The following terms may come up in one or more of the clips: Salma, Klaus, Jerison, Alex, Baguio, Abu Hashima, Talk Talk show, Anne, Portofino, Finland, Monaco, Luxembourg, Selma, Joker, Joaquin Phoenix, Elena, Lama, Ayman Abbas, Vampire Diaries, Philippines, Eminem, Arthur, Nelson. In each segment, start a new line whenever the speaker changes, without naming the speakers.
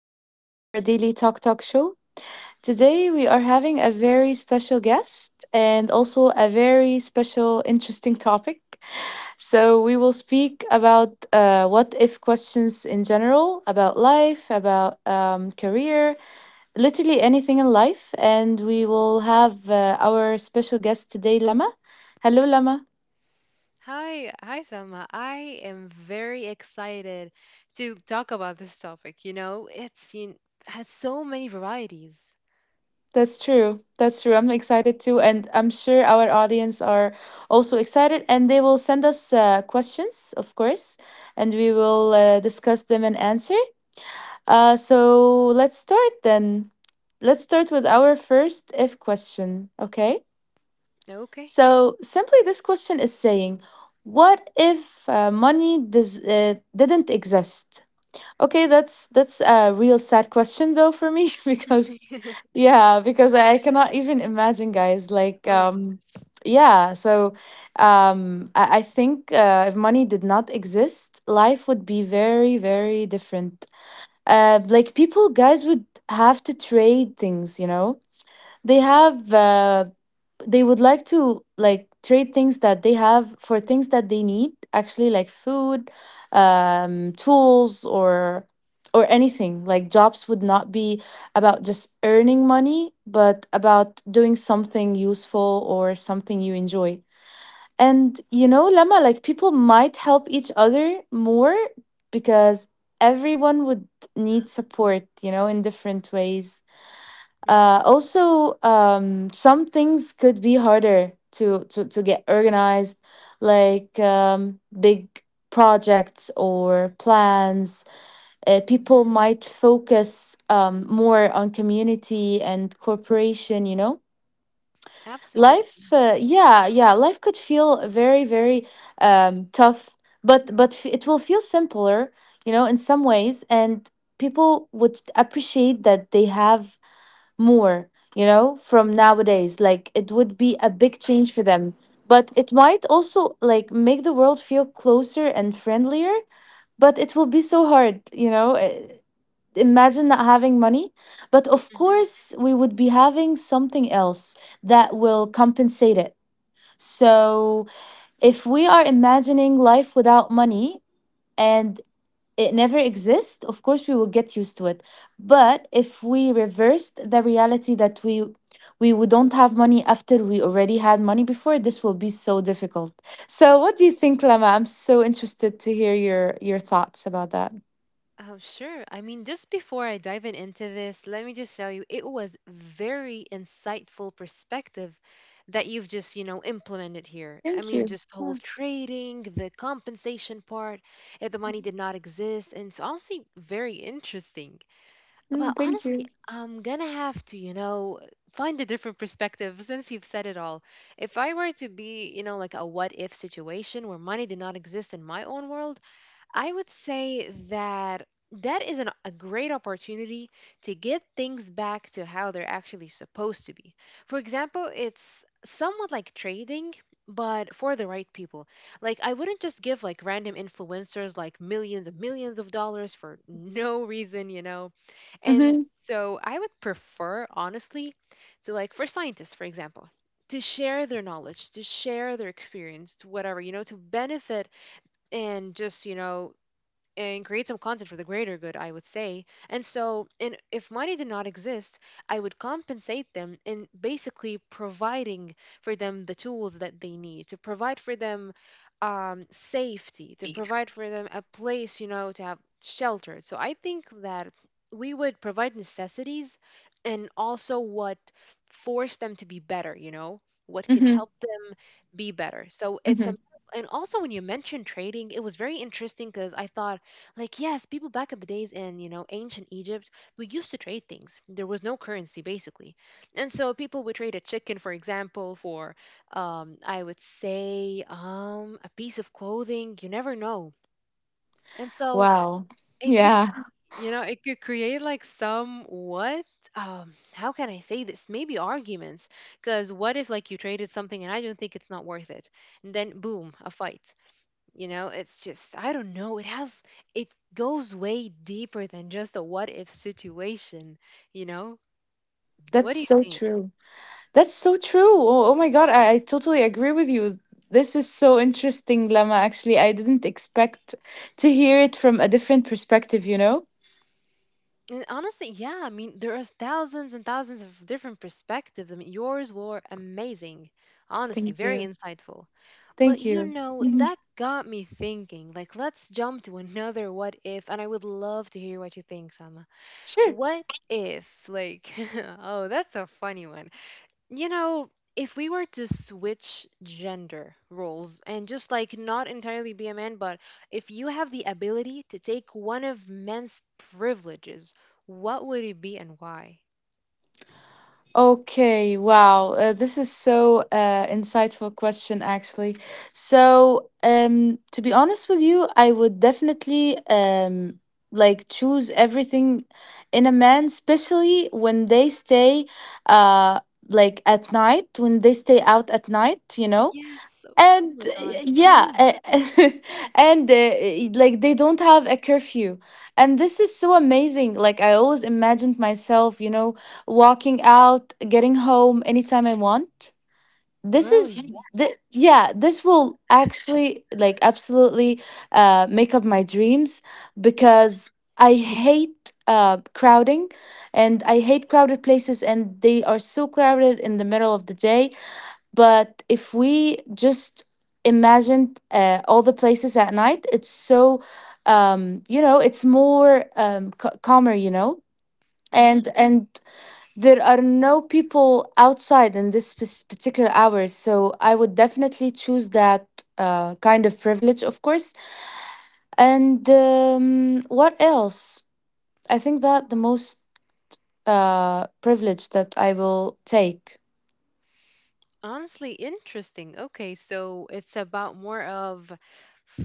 from our daily Talk Talk show. Today, we are having a very special guest and also a very special, interesting topic. So, we will speak about what if questions in general, about life, about career, literally anything in life. And we will have our special guest today, Lama. Hello, Lama.
Hi, hi, Selma. I am very excited to talk about this topic. You know, has so many varieties.
That's true. That's true. I'm excited too, and I'm sure our audience are also excited, and they will send us questions, of course, and we will discuss them and answer. So let's start then. Let's start with our first if question, okay?
Okay.
So simply, this question is saying, "What if money does didn't exist? Okay, that's a real sad question though for me because yeah, because I cannot even imagine guys like
Oh, God.
yeah, so I think if money did not exist, life would be very very different. Like people guys would have to trade things, you know. They have they would like to like trade things that they have for things that they need actually like food tools or anything like jobs would not be about just earning money but about doing something useful or something you enjoy and you know lama like people might help each other more because everyone would need support you know in different ways
Hmm
also, some things could be harder to to get organized, like big projects or plans. People
hmm
might focus more on community and corporation. You know,
Absolutely.
life. Yeah, yeah, life could feel very very tough, but it will feel simpler. You know, in some ways, and people would appreciate that they have more, you know, from nowadays. Like it would be a big change for them. But it might also like make the world feel closer and friendlier, but it will be so hard, you know. Imagine not having money. But of course, we would be having something else that will compensate it. So if we are imagining life without money, and it never exists, of course we will get used to it. But if we reversed the reality that we would don't have money after we already had money before, this will be so difficult. So what do you think, Lama? I'm so interested to hear your thoughts about that.
Oh, sure. I mean, just before I dive in into this, let me just tell you, it was very insightful perspective that you've just, you know, implemented here. I
Thank
mean,
you.
just whole
Yeah.
trading, the compensation part, if the money did not exist, and it's honestly very interesting. But
Mm, thank
honestly,
you.
I'm gonna have to, you know, find a different perspective since you've said it all. If I were to be, you know, like a what if situation where money did not exist in my own world, I would say that a great opportunity to get things back to how they're actually supposed to be. For example, it's somewhat like trading, but for the right people. Like, I wouldn't just give like random influencers like millions and millions of dollars for no reason, you know? And
Mm-hmm.
so I would prefer, honestly, to like for scientists, for example. To share their knowledge, to share their experience, to whatever, you know, to benefit and just you know and create some content for the greater good, I would say. And so, and if money did not exist, I would compensate them in basically providing for them the tools that they need, to provide for them safety, to provide for them a place, you know, to have shelter. So I think that we would provide necessities, and also what forced them to be better, you know, what could
Mm-hmm.
help be better. So it's
Mm-hmm.
a, and also when you mentioned trading, it was very interesting because I thought, like, yes, people back in the days in you know ancient Egypt, we used to trade things. There was no currency basically, and so people would trade a chicken, for example, for I would say a piece of clothing. You never know, and so
Wow.
it could,
Yeah.
cre- you know, it could create like some what? How can I say this? Maybe arguments. Because what if like you traded something and I don't think it's not worth it, and then boom, a fight. You know, it's just I don't know. It has it goes way deeper than just a what if situation. You know, what
That's
do you
so
think?
true. That's so true. Oh, oh my God, I totally agree with you. This is so interesting, Lama. Actually, I didn't expect to hear it from a different perspective, you know?
And honestly, yeah, I mean, there are thousands and thousands of different perspectives. I mean, yours were amazing, honestly,
Thank
very
you.
insightful. But
Thank
you
you.
know,
Mhm.
that got me thinking. Like, let's jump to another what if, and I would love to hear what you think, Salma.
Sure.
What if, like, oh, that's a funny one. You know, if we were to switch gender roles and just like not entirely be a man, but if you have the ability to take one of men's privileges, what would it be and why?
Okay, wow. This is so insightful question, actually. So, to be honest with you, I would definitely like choose everything in a man, especially when they stay uh, like at night, when they stay out at night, you know?
Yes. Oh
And
my God.
yeah
Hmm
and like they don't have a curfew and this is so amazing like I always imagined myself, you know, walking out, getting home anytime I want. this
Girl,
is
yes.
yeah, this will actually like absolutely make up my dreams because I hate crowding and I hate crowded places, and they are so crowded in the middle of the day. But if we just imagine all the places at night, it's so you know, it's more calmer, you know. and
hmm
and there are no people outside in this particular hours, so I would definitely choose that kind of privilege, of course. And what else? I think that the most privilege that I will take.
Honestly, interesting. Okay, so it's about more of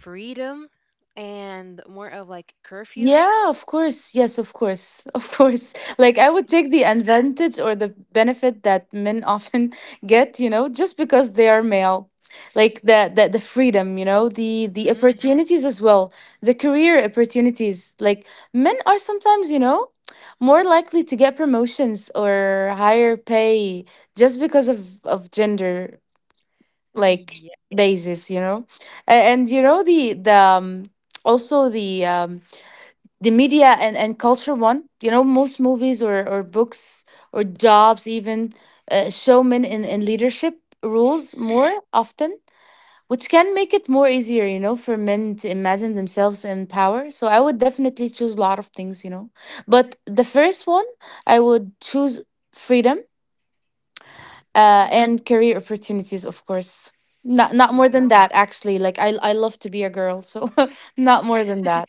freedom and more of like curfew.
Yeah, of course. Yes, of course. Of course. Like I would take the advantage or the benefit that men often get, you know, just because they are male. Like the freedom, you know, the
Hmm
opportunities as well, the career opportunities. Like men are sometimes, you know, more likely to get promotions or higher pay just because of gender like
Yeah.
basis, you know. And, you know, the also the media and culture one. You know, most movies or books or jobs even show men in leadership roles
Mhm.
more often, which can make it more easier, you know, for men to imagine themselves in power. So I would definitely choose a lot of things, you know, but the first one I would choose freedom
Mhm.
and career opportunities, of course. Not not more
Wow.
than that actually, like I love to be a girl, so not more than that.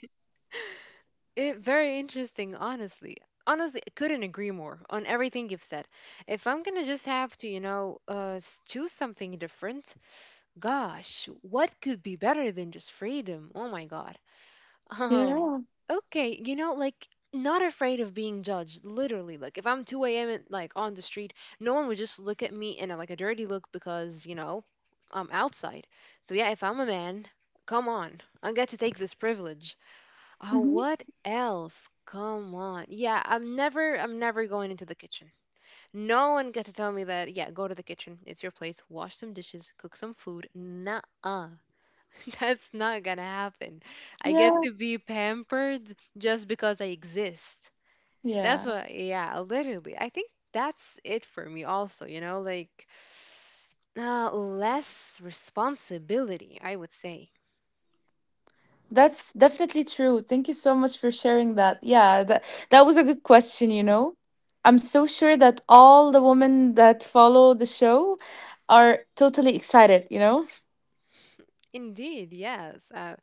It very interesting, honestly. Honestly, I couldn't agree more on everything you've said. If I'm gonna just have to, you know, choose something different, gosh, what could be better than just freedom? Oh my god. Um,
Yeah.
okay, you know, like not afraid of being judged. Literally, like if I'm 2 a.m. and, like on the street, no one would just look at me in a, like a dirty look because you know I'm outside. So yeah, if I'm a man, come on, I get to take this privilege. Oh,
Hmm.
what else? Come on. Yeah, I'm never going into the kitchen. No one gets to tell me that, yeah, go to the kitchen. It's your place. Wash some dishes, cook some food. Nah, that's not gonna happen. I get
Yeah.
to be pampered just because I exist. That's
Yeah.
what, yeah, literally. I think that's it for me also, you know, like less responsibility, I would say.
That's definitely true. Thank you so much for sharing that. Yeah, that that was a good question, you know. I'm so sure that all the women that follow the show are totally excited, you know?
Indeed, yes.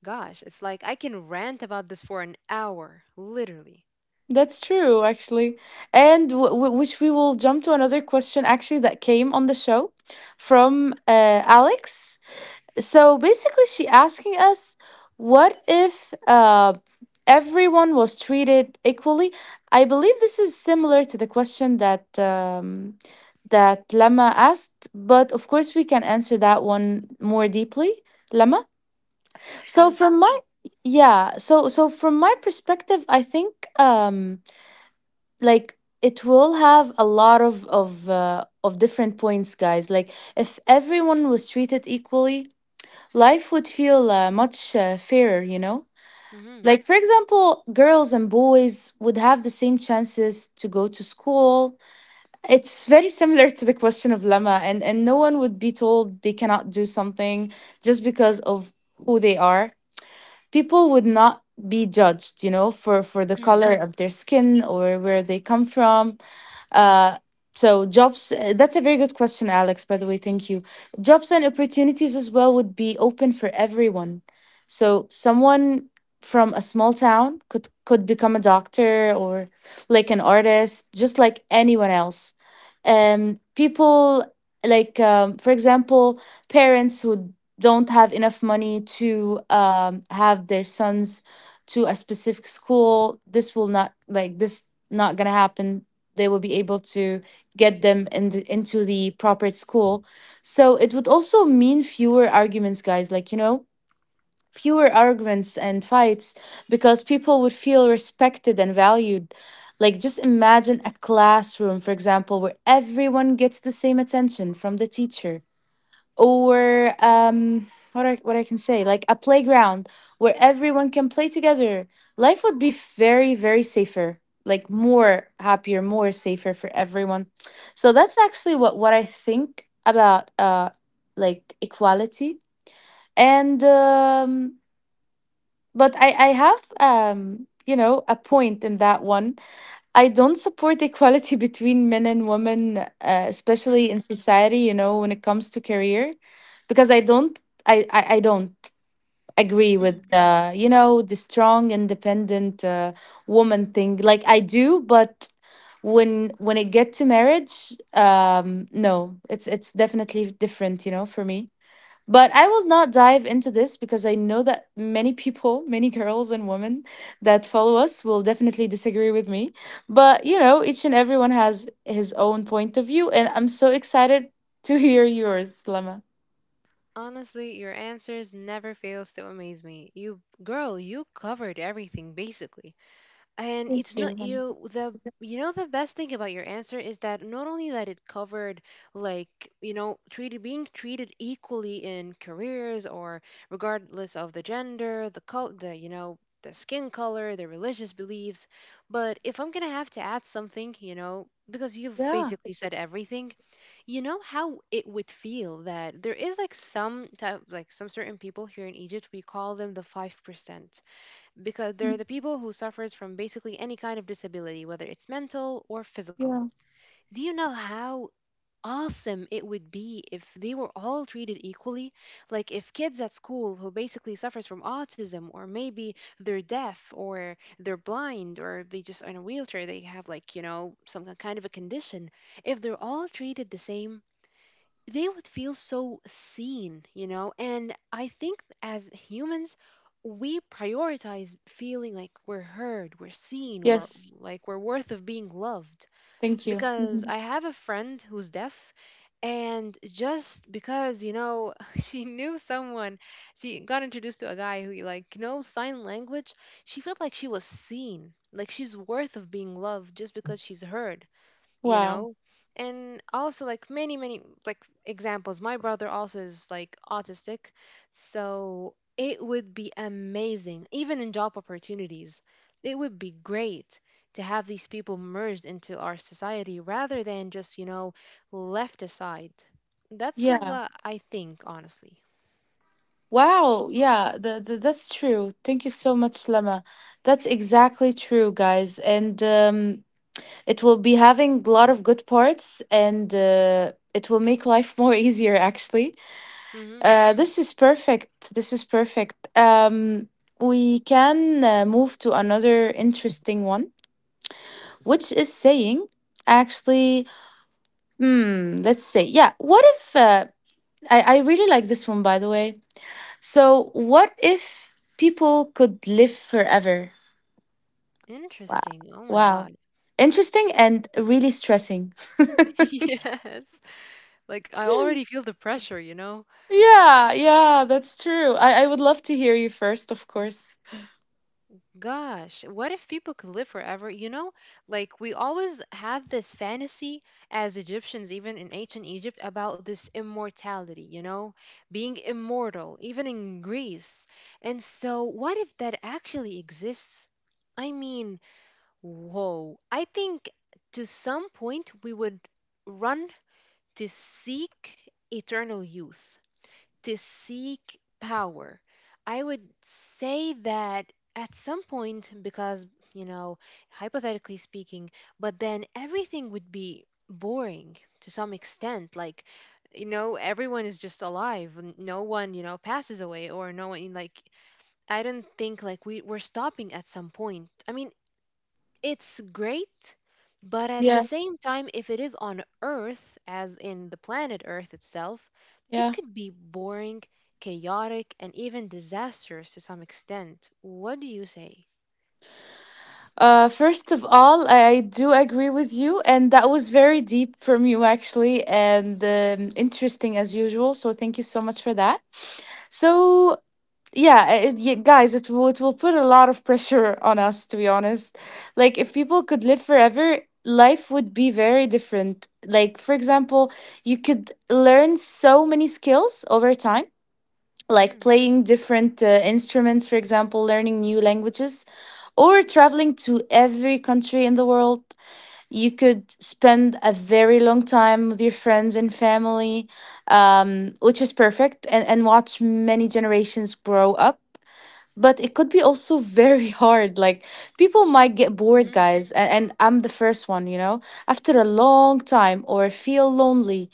Gosh, it's like I can rant about this for an hour, literally.
That's true, actually. And which we will jump to another question actually that came on the show from Alex. So basically, she asking us, what if everyone was treated equally? I believe this is similar to the question that that Lama asked, but of course we can answer that one more deeply, Lama. So
I'm
from my
sure.
yeah, so so from my perspective, I think um, like it will have a lot of of different points, guys. Like if everyone was treated equally, life would feel much fairer, you know?
hmm
Like, for example, girls and boys would have the same chances to go to school. It's very similar to the question of Lama, and no one would be told they cannot do something just because of who they are. People would not be judged, you know, for the color
hmm
of their skin or where they come from uh, so jobs that's a very good question, Alex, by the way, thank you. Jobs and opportunities as well would be open for everyone. So someone from a small town could become a doctor or like an artist just like anyone else. People like for example, parents who don't have enough money to have their sons to a specific school, this will not like this not gonna happen. They will be able to get them in the, into the proper school. So it would also mean fewer arguments, guys, like you know, fewer arguments and fights because people would feel respected and valued. Like just imagine a classroom, for example, where everyone gets the same attention from the teacher or what I can say, like a playground where everyone can play together. Life would be very, very safer. Like more happier, more safer for everyone. So that's actually what I think about like equality. And but I have you know a point in that one. I don't support equality between men and women, especially
hmm
in society, you know, when it comes to career, because I don't, I don't agree with
hmm
the, you know, the strong, independent woman thing. Like I do, but when it get to marriage, no, it's definitely different, you know, for me. But I will not dive into this because I know that many people, many girls and women that follow us will definitely disagree with me. But, you know, each and everyone has his own point of view. And I'm so excited to hear yours, Lama.
Honestly, your answers never fails to amaze me. You, girl, you covered everything basically. And
Thank
it's
you.
not
Lama.
you the You know, the best thing about your answer is that not only that it covered like you know treated being treated equally in careers or regardless of the gender, the col the you know, the skin color, the religious beliefs, but if I'm gonna have to add something, you know, because you've
Yeah.
basically said everything, you know how it would feel that there is like some type, like some certain people here in Egypt we call them the 5%, because they're the people who suffers from basically any kind of disability, whether it's mental or physical.
Yeah.
Do you know how awesome it would be if they were all treated equally? Like if kids at school who basically suffers from autism, or maybe they're deaf or they're blind or they just are in a wheelchair, they have like, you know, some kind of a condition, if they're all treated the same, they would feel so seen, you know? And I think as humans, we prioritize feeling like we're heard, we're seen, we're
Yes.
like we're worth of being loved.
Thank you.
Because
Mhm.
I have a friend who's deaf, and just because, you know, she knew someone, she got introduced to a guy who like knows sign language, she felt like she was seen, like she's worth of being loved just because she's heard, you
Wow.
know. And also like many many like examples, my brother also is like autistic, so it would be amazing even in job opportunities. It would be great to have these people merged into our society rather than just you know left aside. That's
Yeah.
what I think honestly.
Wow. Yeah. That's true. Thank you so much, Lama. That's exactly true, guys. And it will be having a lot of good parts and it will make life more easier, actually.
Hmm
This is perfect. This is perfect. We can move to another interesting one, which is saying, actually, hmm, let's say, yeah, what if, I really like this one, by the way. So, what if people could live forever? Wow.
Interesting, oh my
Wow.
god.
Interesting and really stressing.
Yes, like I already feel the pressure, you know.
Yeah, yeah, that's true. I would love to hear you first, of course.
Gosh, what if people could live forever? You know, like we always have this fantasy as Egyptians, even in ancient Egypt, about this immortality, you know, being immortal, even in Greece. And so, what if that actually exists? I mean, whoa. I think to some point we would run to seek eternal youth, to seek power. I would say that at some point, because, you know, hypothetically speaking, but then everything would be boring to some extent. Like, you know, everyone is just alive. No one, you know, passes away, or no one, like, I don't think like we're stopping at some point. I mean, it's great, but at the
Yeah,
same time, if it is on Earth, as in the planet Earth itself, it
yeah.
could be boring, chaotic, and even disastrous to some extent. What do you say?
First of all, I do agree with you, and that was very deep from you, actually, and interesting as usual. So, thank you so much for that. So, yeah guys it will put a lot of pressure on us, to be honest. Like, if people could live forever, life would be very different. Like, for example, you could learn so many skills over time, like
Hmm
playing different instruments, for example, learning new languages, or traveling to every country in the world. You could spend a very long time with your friends and family, which is perfect, and watch many generations grow up. But it could be also very hard. Like, people might get bored,
hmm
guys, and I'm the first one, after a long time, or feel lonely.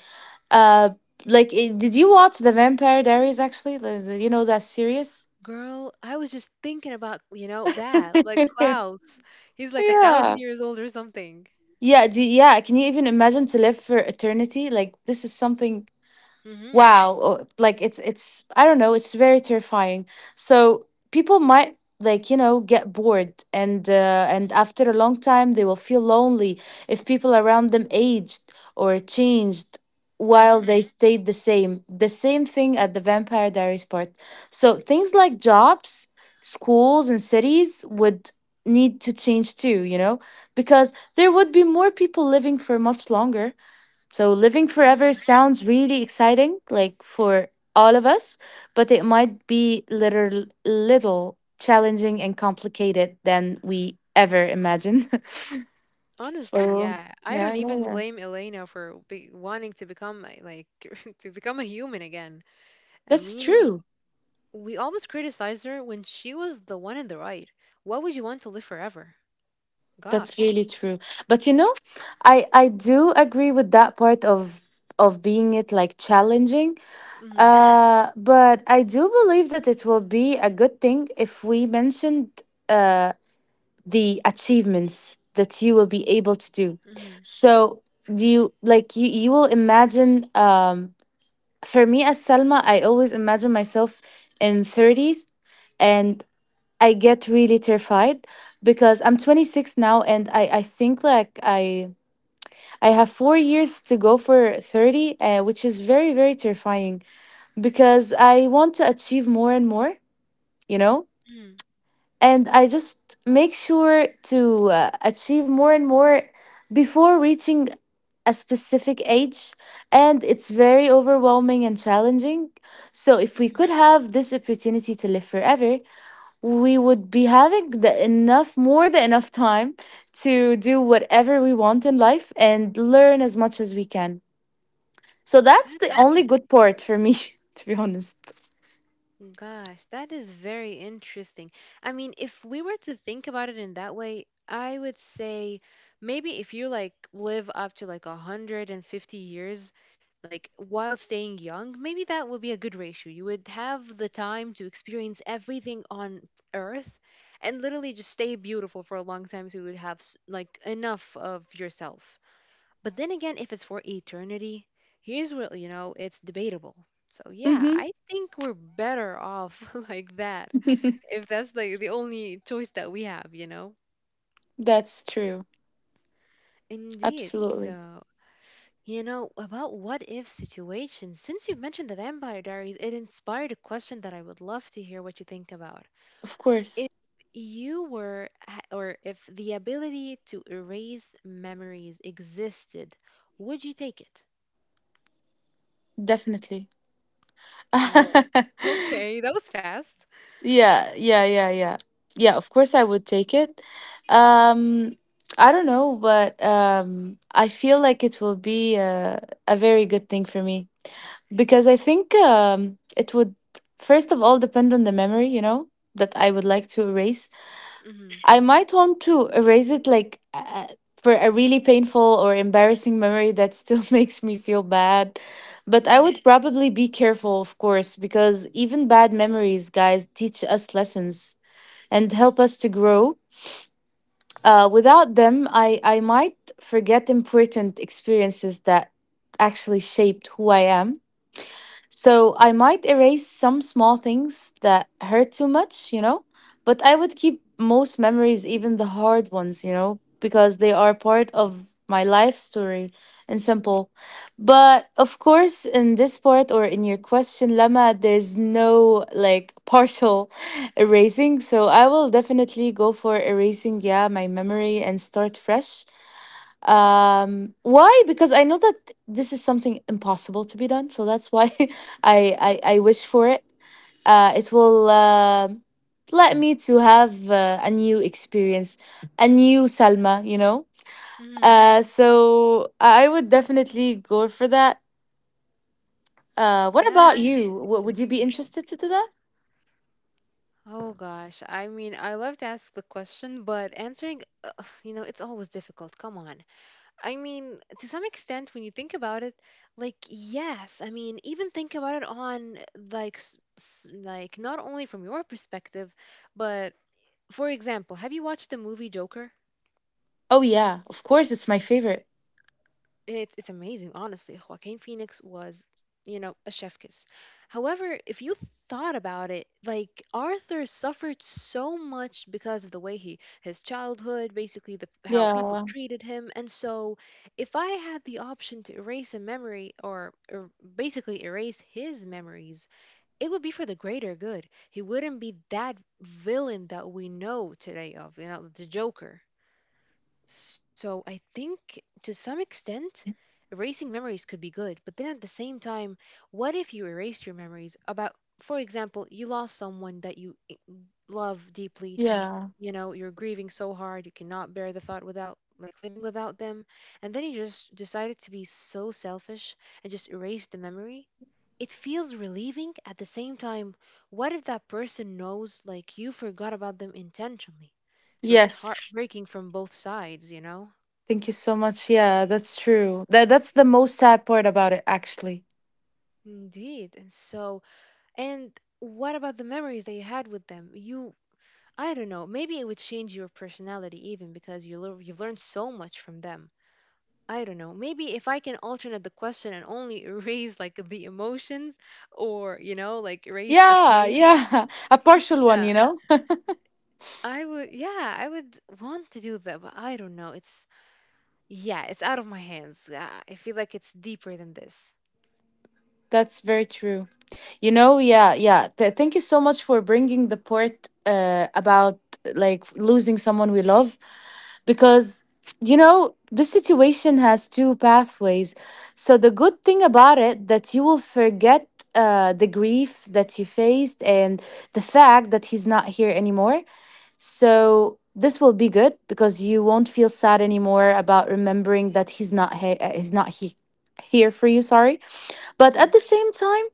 uh did you watch The Vampire Diaries, actually, you know, that series?
Girl, I was just thinking about, you know, that, like Klaus. He's like a thousand
Yeah.
years old or something.
Yeah, can you even imagine to live for eternity? Like, this is something,
Hmm
wow. Oh, like, it's I don't know, it's very terrifying. So people might, like, you know, get bored, and after a long time they will feel lonely if people around them aged or changed while they
hmm
stayed the same, the same thing at The Vampire Diaries part. So things like jobs, schools, and cities would need to change too, you know, because there would be more people living for much longer. So living forever
hmm
sounds really exciting, like for all of us, but it might be little little challenging and complicated than we ever imagined.
Honestly,
So
yeah. I
yeah,
don't
yeah,
even
yeah.
blame Elena for be wanting to become like to become a human again. I
That's
mean,
true.
we always criticize her when she was the one in the right. Why would you want to live forever?
That's
Gosh.
really true. But you know, I do agree with that part, of being it like challenging.
Mm-hmm.
But I do believe that it will be a good thing if we mentioned Uh, the achievements that you will be able to do.
Mm-hmm.
So do you like you will imagine, um, for me as Salma, I always imagine myself in thirties, and I get really terrified, because I'm 26 now, and I think like I have 4 years to go for 30, which is very very terrifying, because I want to achieve more and more, you know.
Mm-hmm.
And I just make sure to achieve more and more before reaching a specific age, and it's very overwhelming and challenging. So if we
Mm-hmm.
could have this opportunity to live forever, we would be having the enough, more than enough time, to do whatever we want in life and learn as much as we can. So that's
That
the
is
only
interesting.
good part for me, to be honest.
Gosh, that is very interesting. I mean, if we were to think about it in that way, I would say maybe if you like live up to like 150 years, like while staying young, maybe that would be a good ratio. You would have the time to experience everything on earth and literally just stay beautiful for a long time, so you would have like enough of yourself. But then again, if it's for eternity, here's what, you know, it's debatable. So yeah,
Hmm.
I think we're better off like that, if that's like the only choice that we have, you know?
That's true.
Indeed.
Absolutely.
So, you know, about what if situations, since you've mentioned the Vampire Diaries, it inspired a question that I would love to hear what you think about.
Of course.
If you were, or if the ability to erase memories existed, would you take it?
Definitely.
Whoa. Okay, that was fast.
Yeah, yeah, yeah, yeah. Yeah, of course I would take it. Um I don't know, but I feel like it will be a very good thing for me, because I think it would, first of all, depend on the memory, you know, that I would like to erase.
Mm-hmm.
I might want to erase it, like, for a really painful or embarrassing memory that still makes me feel bad. But I
Mm-hmm.
would probably be careful, of course, because even bad memories, guys, teach us lessons and help us to grow. Without them, I might forget important experiences that actually shaped who I am. So I might erase some small things that hurt too much, you know, but I would keep most memories, even the hard ones, you know, because they are part of my life story. And simple. But of course, in this part or in your question, Lama, there's no like partial erasing. So I will definitely go for erasing, yeah, my memory and start fresh. Um, why? Because I know that this is something impossible to be done, so that's why. I wish for it. It will, um, let me to have a new experience, a new Salma, you know.
Mm-hmm.
So I would definitely go for that. What
That
about
is
you? Would you be
interesting.
interested to do that?
Oh gosh, I mean, I love to ask the question, but answering, you know, it's always difficult. Come on. I mean, to some extent, when you think about it, like, yes, I mean, even think about it on like, like not only from your perspective, but for example, have you watched the movie Joker?
Oh yeah, of course, it's my favorite.
It's amazing, honestly. Joaquin Phoenix was, you know, a chef kiss. However, if you thought about it, like Arthur suffered so much because of the way he his childhood, basically the how people
Yeah,
treated him. And so, if I had the option to erase a memory, or basically erase his memories, it would be for the greater good. He wouldn't be that villain that we know today of, you know, the Joker. So I think to some extent, erasing memories could be good, but then at the same time, what if you erase your memories about, for example, you lost someone that love deeply.
yeah,
You know, you're grieving so hard you cannot bear the thought without like living without them, and then you just decided to be so selfish and just erase the memory. It feels relieving. At the same time, what if that person knows like you forgot about them intentionally? So it's
yes.
heartbreaking from both sides, you know.
Thank you so much. Yeah, that's true. That's the most sad part about it actually.
Indeed. And so, and what about the memories that you had with them? You I don't know, maybe it would change your personality even, because you you've learned so much from them. I don't know. Maybe if I can alternate the question and only raise like the emotions or, you know, like raise the
Yeah,
pain.
yeah. A partial one,
Yeah.
you know?
I would, yeah, I would want to do that, but I don't know. Yeah, it's out of my hands. Yeah, I feel like it's deeper than this.
That's very true. You know, yeah, yeah. Thank you so much for bringing the part about, like, losing someone we love, because, you know, this situation has two pathways. So the good thing about it, that you will forget the grief that you faced and the fact that he's not here anymore. So this will be good because you won't feel sad anymore about remembering that he's not here for you. Sorry, but
Hmm.
at the same time,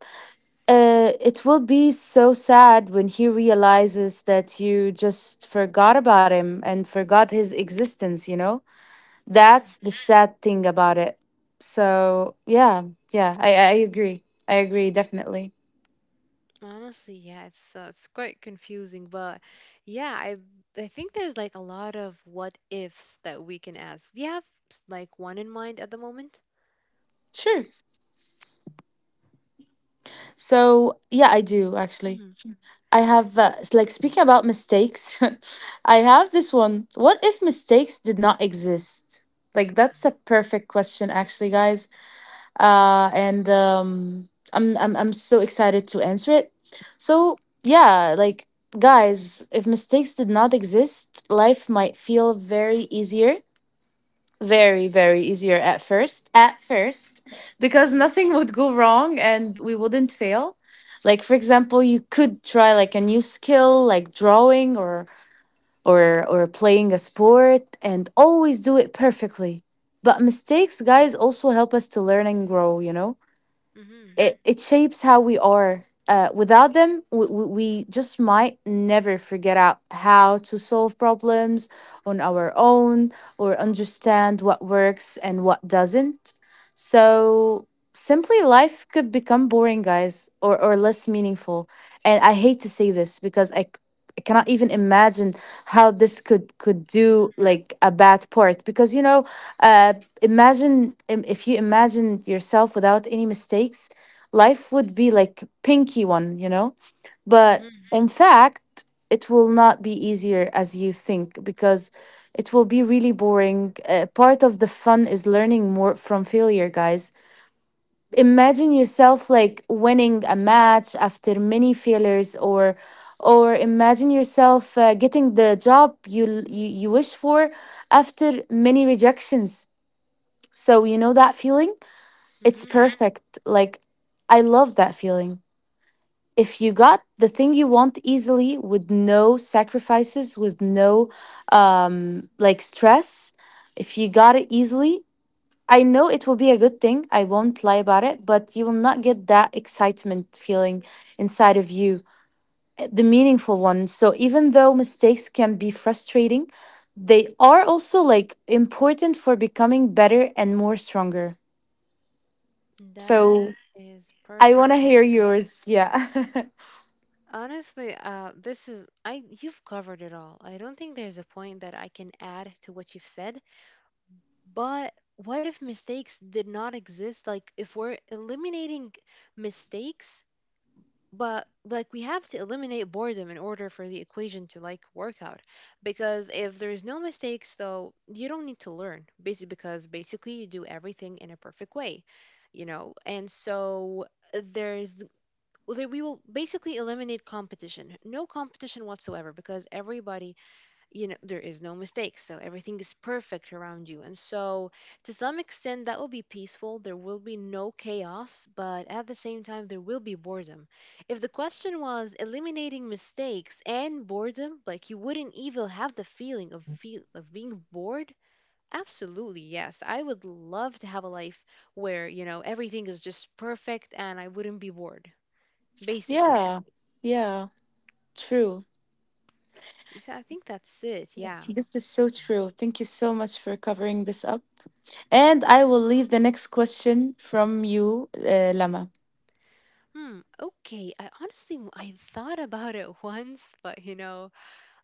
it will be so sad when he realizes that you just forgot about him and forgot his existence. You know,
Hmm.
that's the sad thing about it. So yeah, yeah, I agree. I agree definitely.
Honestly, yeah, it's quite confusing, but yeah, I think there's like a lot of what ifs that we can ask. Do you have like one in mind at the moment?
Sure. So yeah, I do actually.
Hmm.
I have, like, speaking about mistakes, I have this one. What if mistakes did not exist? Like, that's a perfect question, actually, guys. I'm so excited to answer it. So, yeah, like, guys, if mistakes did not exist, life might feel very easier, very very easier at first, at first, because
Hmm.
nothing would go wrong and we wouldn't fail. Like, for example, you could try like a new skill, like drawing, or playing a sport, and always do it perfectly. But mistakes, guys, also help us to learn and grow, you know.
Hmm.
It shapes how we are. Without them, we just might never figure out how to solve problems on our own, or understand what works and what doesn't. So simply, life could become boring, guys, or less meaningful. And I hate to say this because I cannot even imagine how this could do
Hmm.
like a bad part, because you know, uh if you imagine yourself without any mistakes, life would be like pinky one, you know? But
Hmm.
in fact, it will not be easier as you think, because it will be really boring. Part of the fun is learning more from failure, guys. Imagine yourself like winning a match after many failures, or imagine yourself getting the job you wish for after many rejections. So you know that feeling? It's
Hmm.
perfect. Like, I love that feeling. If you got the thing you want easily with no sacrifices, with no, um, like stress, if you got it easily, I know it will be a good thing, I won't lie about it, but you will not get that excitement feeling inside of you, the meaningful one. So even though mistakes can be frustrating, they are also like important for becoming better and more stronger.
That
So
is
I want to
perfectly
hear
said.
yours. Yeah.
Honestly, this is I you've covered it all. I don't think there's a point that I can add to what you've said. But what if mistakes did not exist? Like, if we're eliminating mistakes, but like we have to eliminate boredom in order for the equation to like work out. Because if there's no mistakes, though, you don't need to learn. Basically, because basically you do everything in a perfect way, you know. And so there's, well, we will basically eliminate competition. No competition whatsoever, because everybody, you know, there is no mistakes. So everything is perfect around you. And so to some extent, that will be peaceful. There will be no chaos, but at the same time, there will be boredom. If the question was eliminating mistakes and boredom, like you wouldn't even have the feel of being bored. Absolutely, yes. I would love to have a life where, you know, everything is just perfect and I wouldn't be bored, basically.
Yeah. Yeah. True.
So I think that's it. Yeah.
This is so true. Thank you so much for covering this up. And I will leave the next question from you, Lama.
Hmm. Okay. I honestly, I thought about it once, but you know,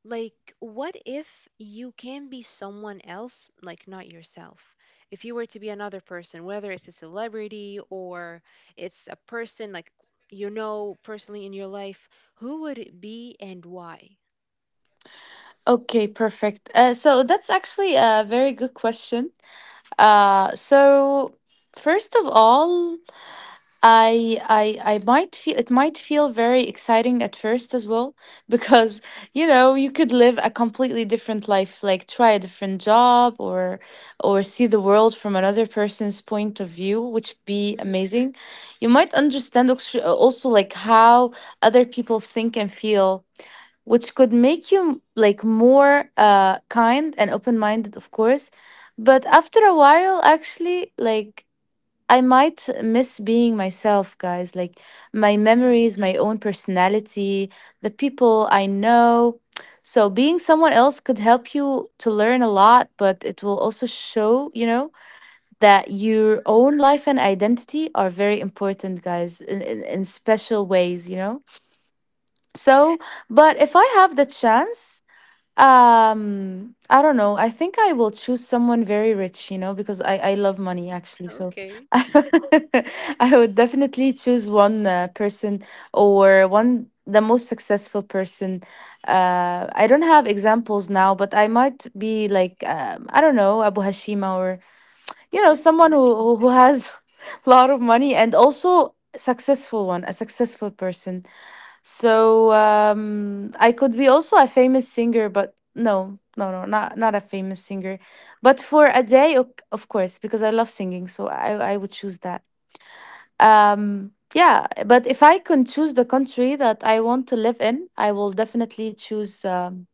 like, what if you can be someone else, like not yourself? If you were to be another person, whether it's a celebrity or it's a person like, you know, personally in your life, who would it be and why?
Okay, perfect. So that's actually a very good question. So first of all, I might feel, it might feel very exciting at first as well because, you know, you could live a completely different life, like try a different job, or see the world from another person's point of view, which be
Mm-hmm.
amazing. You might understand also, like, how other people think and feel, which could make you like more kind and open-minded, of course. But after a while, actually, like, I might miss being myself, guys. Like my memories, my own personality, the people I know. So being someone else could help you to learn a lot, but it will also show, you know, that your own life and identity are very important, guys, in special ways, you know? So, but if I have the chance, I don't know, I think I will choose someone very rich, you know, because I love money actually. So
Okay.
I would, I would definitely choose one person, or one the most successful person. I don't have examples now, but I might be like, I don't know, Abu Hashima, you know,
Interesting.
someone who has a lot of money and also successful one, a successful person. So, um, I could be also a famous singer, but no, not not a famous singer, but for a day, of course, because I love singing, so I would choose that. Um, yeah, but if I can choose the country that I want to live in, I will definitely choose, um,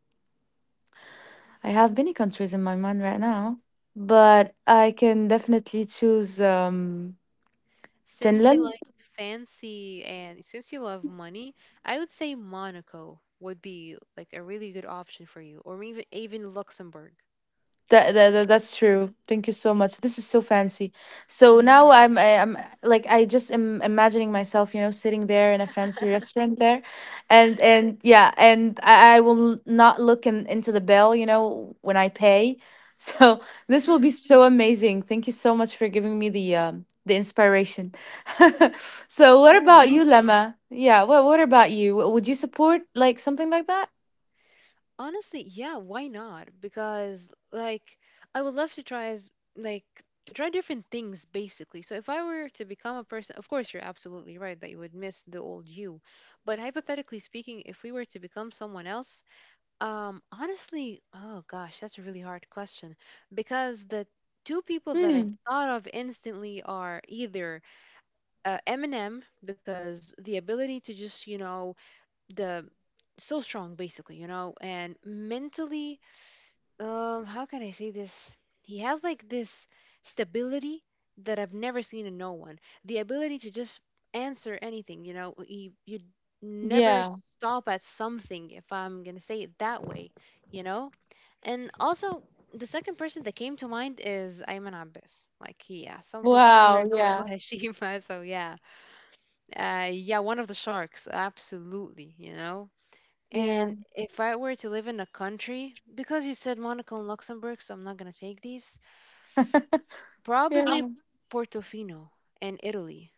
I have many countries in my mind right now, but I can definitely choose, um,
Since you
Finland.
like fancy and since you love money, I would say Monaco would be like a really good option for you, or even Luxembourg.
That's true. Thank you so much. This is so fancy. So now
Hmm.
I'm like, I just am imagining myself, you know, sitting there in a fancy restaurant there, and yeah, and I will not look into the bill, you know, when I pay. So this will
Hmm.
be so amazing. Thank you so much for giving me the inspiration. So what
That would be
about
awesome.
you, Lemma? Yeah. What about you? Would you support like something like that?
Honestly, yeah, why not? Because like I would love to try as like to try different things basically. So if I were to become a person, of course you're absolutely right that you would miss the old you. But hypothetically speaking, if we were to become someone else, honestly, oh gosh, that's a really hard question because the two people that I
Hmm.
thought of instantly are either Eminem, because the ability to just, you know, the so strong basically, you know, and mentally, how can I say this? He has like this stability that I've never seen in no one. The ability to just answer anything, you know, you never
Yeah.
stop at something, if I'm gonna say it that way, you know? And also, the second person that came to mind is Ayman Abbas. Like, yeah, something similar
Wow.
to Abu
Yeah.
Hashima. So, yeah. Yeah, one of the sharks. Absolutely, you know?
Yeah.
And if I were to live in a country, because you said Monaco and Luxembourg, so I'm not going to take these,
Yeah.
probably Portofino and Italy.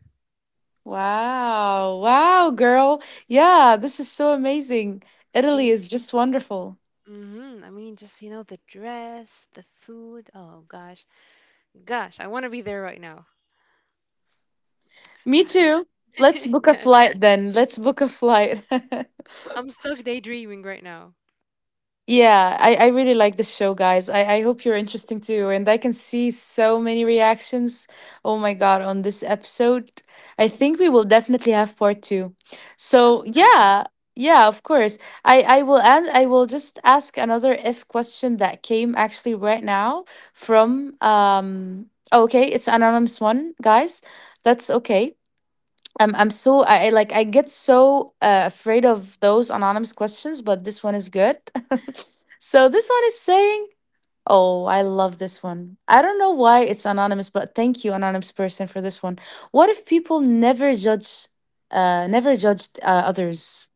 Wow. Wow, girl. Yeah, this is so amazing. Italy
It,
is just wonderful.
hmm, I mean, just, you know, the dress, the food. Oh, gosh. Gosh, I want to be there right now.
Me
God,
too. Let's book a
yes.
flight then. Let's book a flight.
I'm stuck daydreaming right now.
Yeah, I really like the show, guys. I hope you're interesting too. And I can see so many reactions. Oh my God, on this episode. I think we will definitely have part two. So
Absolutely.
yeah, yeah, of course. I will and I will just ask another if question that came actually right now from um oh, okay, it's anonymous one, guys. That's okay. I like I get so afraid of those anonymous questions, but this one is good. So this one is saying, "Oh, I love this one. I don't know why it's anonymous, but thank you, anonymous person, for this one. What if people never never judged others?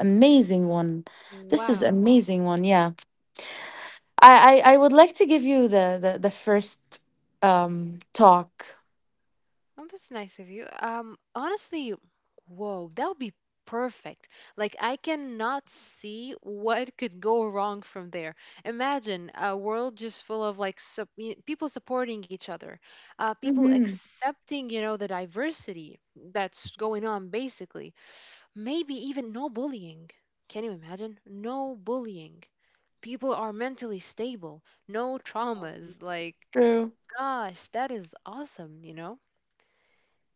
Amazing one. This is
Wow.
amazing one. Yeah, I would like to give you the the first talk.
Oh, that's nice of you. Honestly, whoa, that would be perfect. Like, I cannot see what could go wrong from there. Imagine a world just full of like people supporting each other, people
Mm-hmm.
accepting, you know, the diversity that's going on, basically. Maybe even no bullying. Can you imagine? No bullying. People are mentally stable, no traumas. Like,
True.
gosh, that is awesome, you know?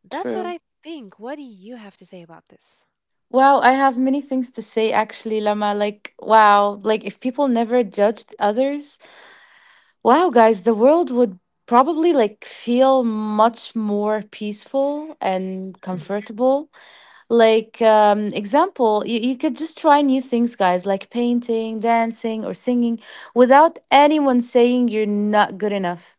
That's what
True.
I think. What do you have to say about this?
Wow, I have many things to say actually, Lama. Like, wow, like if people never judged others, wow, guys, the world would probably like feel much more peaceful and
Mhm.
comfortable. Like, example, you could just try new things, guys, like painting, dancing, or singing without anyone saying you're not good enough.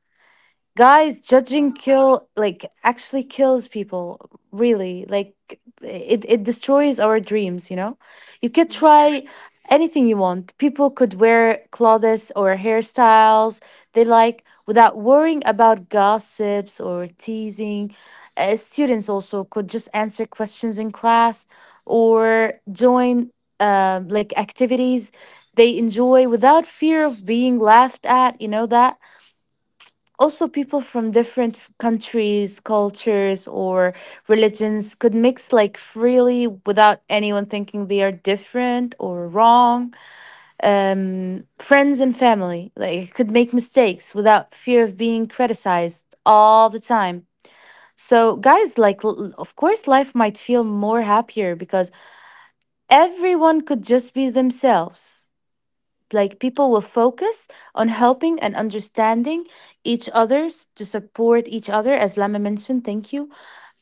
Guys judging
Wow.
kill, like actually kills people, really, like it destroys our dreams, you know. You could
Hmm.
try anything you want. People could wear clothes or hairstyles they like without worrying about gossips or teasing. Students also could just answer questions in class or join like activities they enjoy without fear of being laughed at, you know that. Also, people from different countries, cultures or religions could mix like freely without anyone thinking they are different or wrong. Friends and family, like, could make mistakes without fear of being criticized all the time. So guys, like of course life might feel more happier because everyone could just be themselves. Like people will focus on helping and understanding each other's to support each other, as Lama mentioned. Thank you.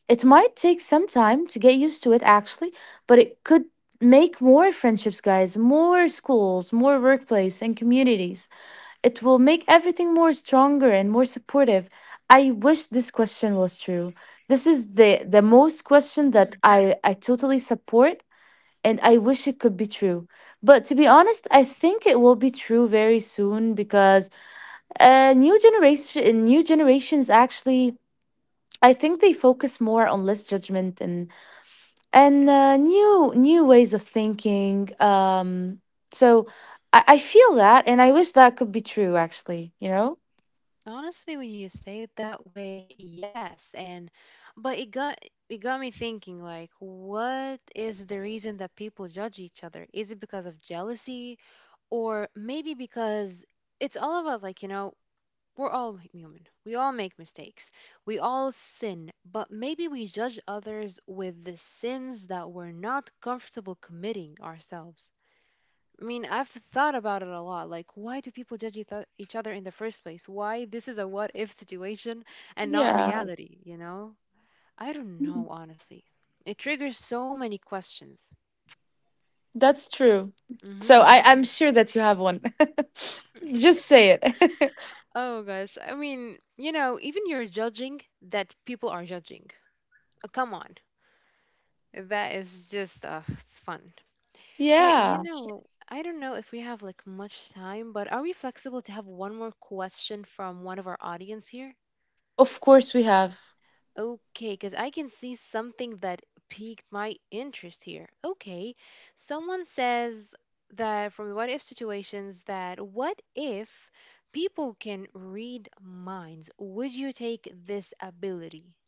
It might take some time to get used to it, actually, but it could make more friendships, guys, more schools, more workplace and communities. It will make everything more stronger and more supportive. I wish this question was true. This is the most question
Hmm.
that I totally support, and I wish it could be true. But to be honest, I think it will be true very soon because new generation, new generations actually, I think they focus more on less judgment and new ways of thinking. So I feel that, and I wish that could be true. Actually, you know.
Honestly, when you say it that way, yes. And but it got me thinking, like what is the reason that people judge each other? Is it because of jealousy, or maybe because it's all about, like, you know, we're all like human. We all make mistakes. We all sin, but maybe we judge others with the sins that we're not comfortable committing ourselves. I mean, I've thought about it a lot. Like, why do people judge each other in the first place? Why this is a what if situation and not
Yeah,
reality, you know? I don't know, honestly. It triggers so many questions.
that's true. So
Hmm.
I'm sure that you have one. Just say it.
Oh gosh. I mean, you know, even you're judging that people are judging. Come on. That is just it's fun. And you
Yeah,
know, I don't know if we have like much time, but are we flexible to have one more question from one of our audience here?
of course we have.
Okay, because I can see something that piqued my interest here. Okay, someone says that from the what if situations, that what if people can read minds? Would you take this ability?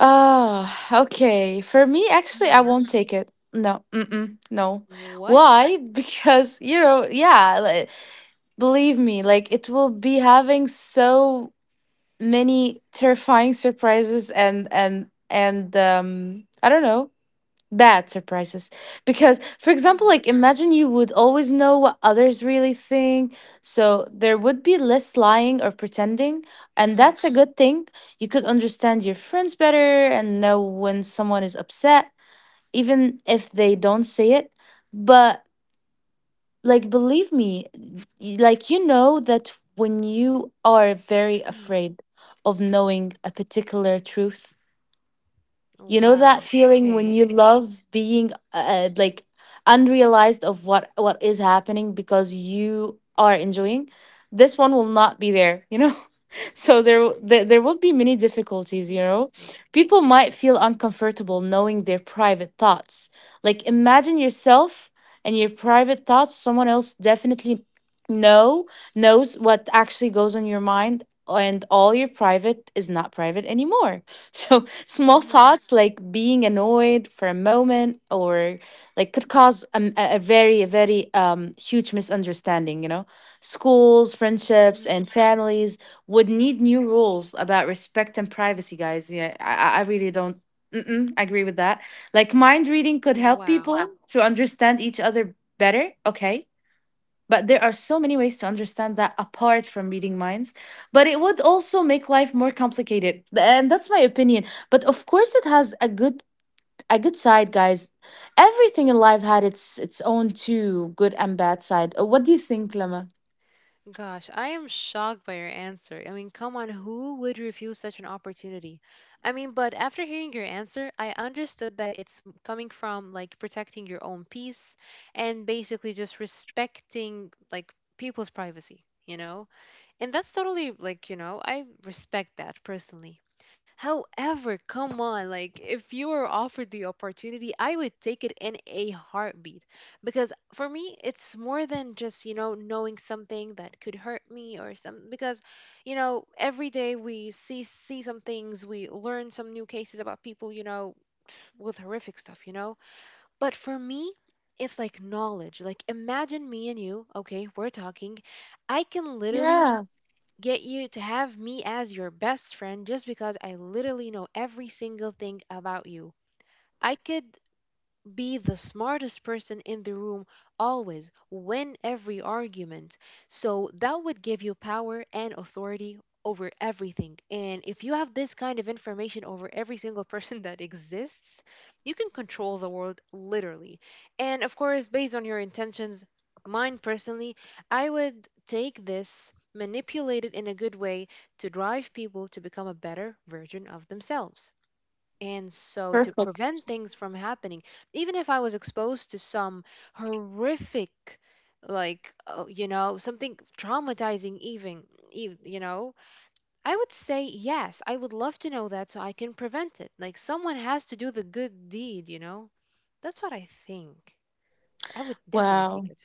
Ah, okay. For me, actually, I
Hmm.
won't take it. No, mm-mm, no.
What?
Why? Because, you know, yeah, like, believe me, like it will be having so many terrifying surprises and I don't know, bad surprises. Because for example,
Mm,
like, imagine you would always know what others really think, so there would be less lying or pretending, and
mm,
that's a good thing. You could understand your friends better and know when someone is upset even if they don't say it. But like, believe me, like, you know that when you are very
mm.
afraid of knowing a particular truth, you know that
Wow.
feeling when you
Okay.
love being like unrealized of what is happening because you are enjoying. This one will not be there, you know? So there will be many
Interesting.
difficulties, you know. People might feel uncomfortable knowing their private thoughts. Like, imagine yourself and your private thoughts someone else definitely know knows what actually goes on your mind, and all your private is not private anymore. So small
Hmm.
thoughts like being annoyed for a moment or like could cause a very huge misunderstanding, you know. Schools, friendships,
Hmm.
and families would need new rules about respect and privacy, guys. Yeah, I really don't, mm-mm, agree with that. Like, mind reading could help
Wow.
people to understand each other better, okay? But there are so many ways to understand that apart from reading minds. But it would also make life more complicated. And that's my opinion. But of course it has a good, a good side, guys. Everything in life had its own two good and bad side. What do you think, Lama?
Gosh, I am shocked by your answer. I mean, come on, who would refuse such an opportunity? I mean, but after hearing your answer, I understood that coming from like protecting your own peace, and basically just respecting like people's privacy, you know? And that's totally like, you know, I respect that personally. However, come on, like if you were offered the opportunity, I would take it in a heartbeat, because for me, it's more than just, you know, knowing something that could hurt me or some, because, you know, every day we see some things, we learn some new cases about people, you know, with horrific stuff, you know. But for me, it's like knowledge. Like, imagine me and you, okay, we're talking. I can literally
Yeah,
get you to have me as your best friend just because I literally know every single thing about you. I could be the smartest person in the room, always win every argument. So that would give you power and authority over everything, and if you have this kind of information over every single person that exists, you can control the world literally. And of course, based on your intentions, mine personally, I would take this, manipulate it in a good way to drive people to become a better version of themselves, and so to
perfect.
prevent things from happening, even if I was exposed to some horrific, like, you know, something traumatizing, even, you know, I would say, yes, I would love to know that so I can prevent it. Like, someone has to do the good deed, you know? That's what I think. So, I would definitely take
Wow.
it.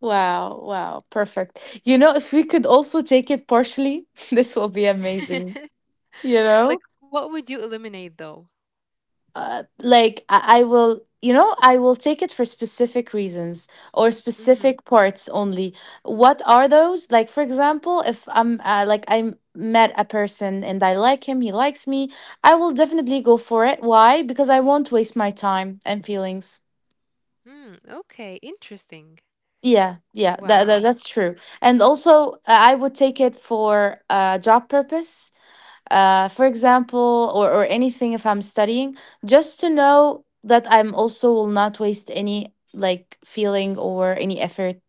Wow, wow, perfect. You know, if we could also take it partially, this will be amazing. You
Like,
know,
what would you eliminate, though?
like I will, you know, I will take it for specific reasons or
Mm-hmm.
specific parts only. What are those? Like, for example, if I'm like, I met a person and I like him, he likes me, I will definitely go for it. Why? Because I won't waste my time and feelings.
Hmm. Okay, interesting.
Yeah, yeah,
Wow.
that's true. And also, I would take it for a job purpose. For example, or anything if I'm studying, just to know that I'm also will not waste any like feeling or any effort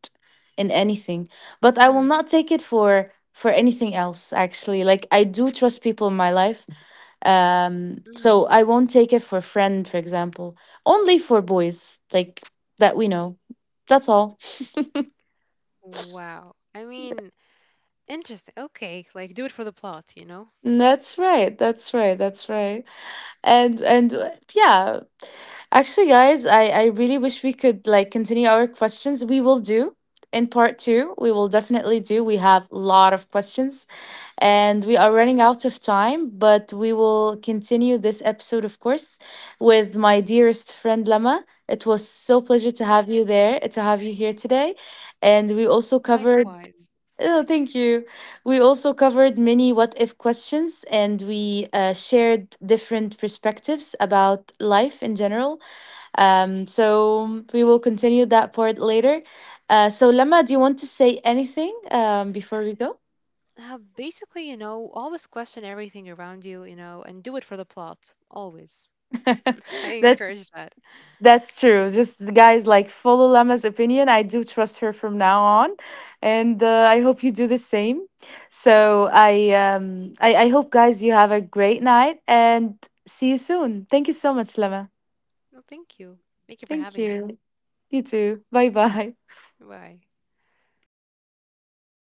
in anything.
Mm-hmm.
But I will not take it for anything else actually. Like I do trust people in my life.
Mm-hmm.
So I won't take it for friend, for example. Only for boys, like, that we know. That's all.
Wow. I mean, interesting. Okay, like do it for the plot, you know?
That's right. That's right. That's right. And yeah, actually guys, I really wish we could like continue our questions. We will do in part two, we will definitely do. We have a lot of questions and we are running out of time, but we will continue this episode, of course, with my dearest friend Lama. It was so
No,
pleasure to have
thanks.
you there, to have you here today, and we also covered.
Likewise.
Oh, thank you. We also covered many what if questions, and we shared different perspectives about life in general. We will continue that part later. So, Lama, do you want to say anything before we go?
Basically, you know, always question everything around you, you know, and do it for the plot. Always. I encourage
That's
that.
That's true. Just guys, like follow Lama's opinion. I do trust her from now on, and I hope you do the same. So I hope guys you have a great night and see you soon. Thank you so much, Lama.
No, thank you. Thank you for
Thank
having me.
you. You too. Bye bye.
Bye.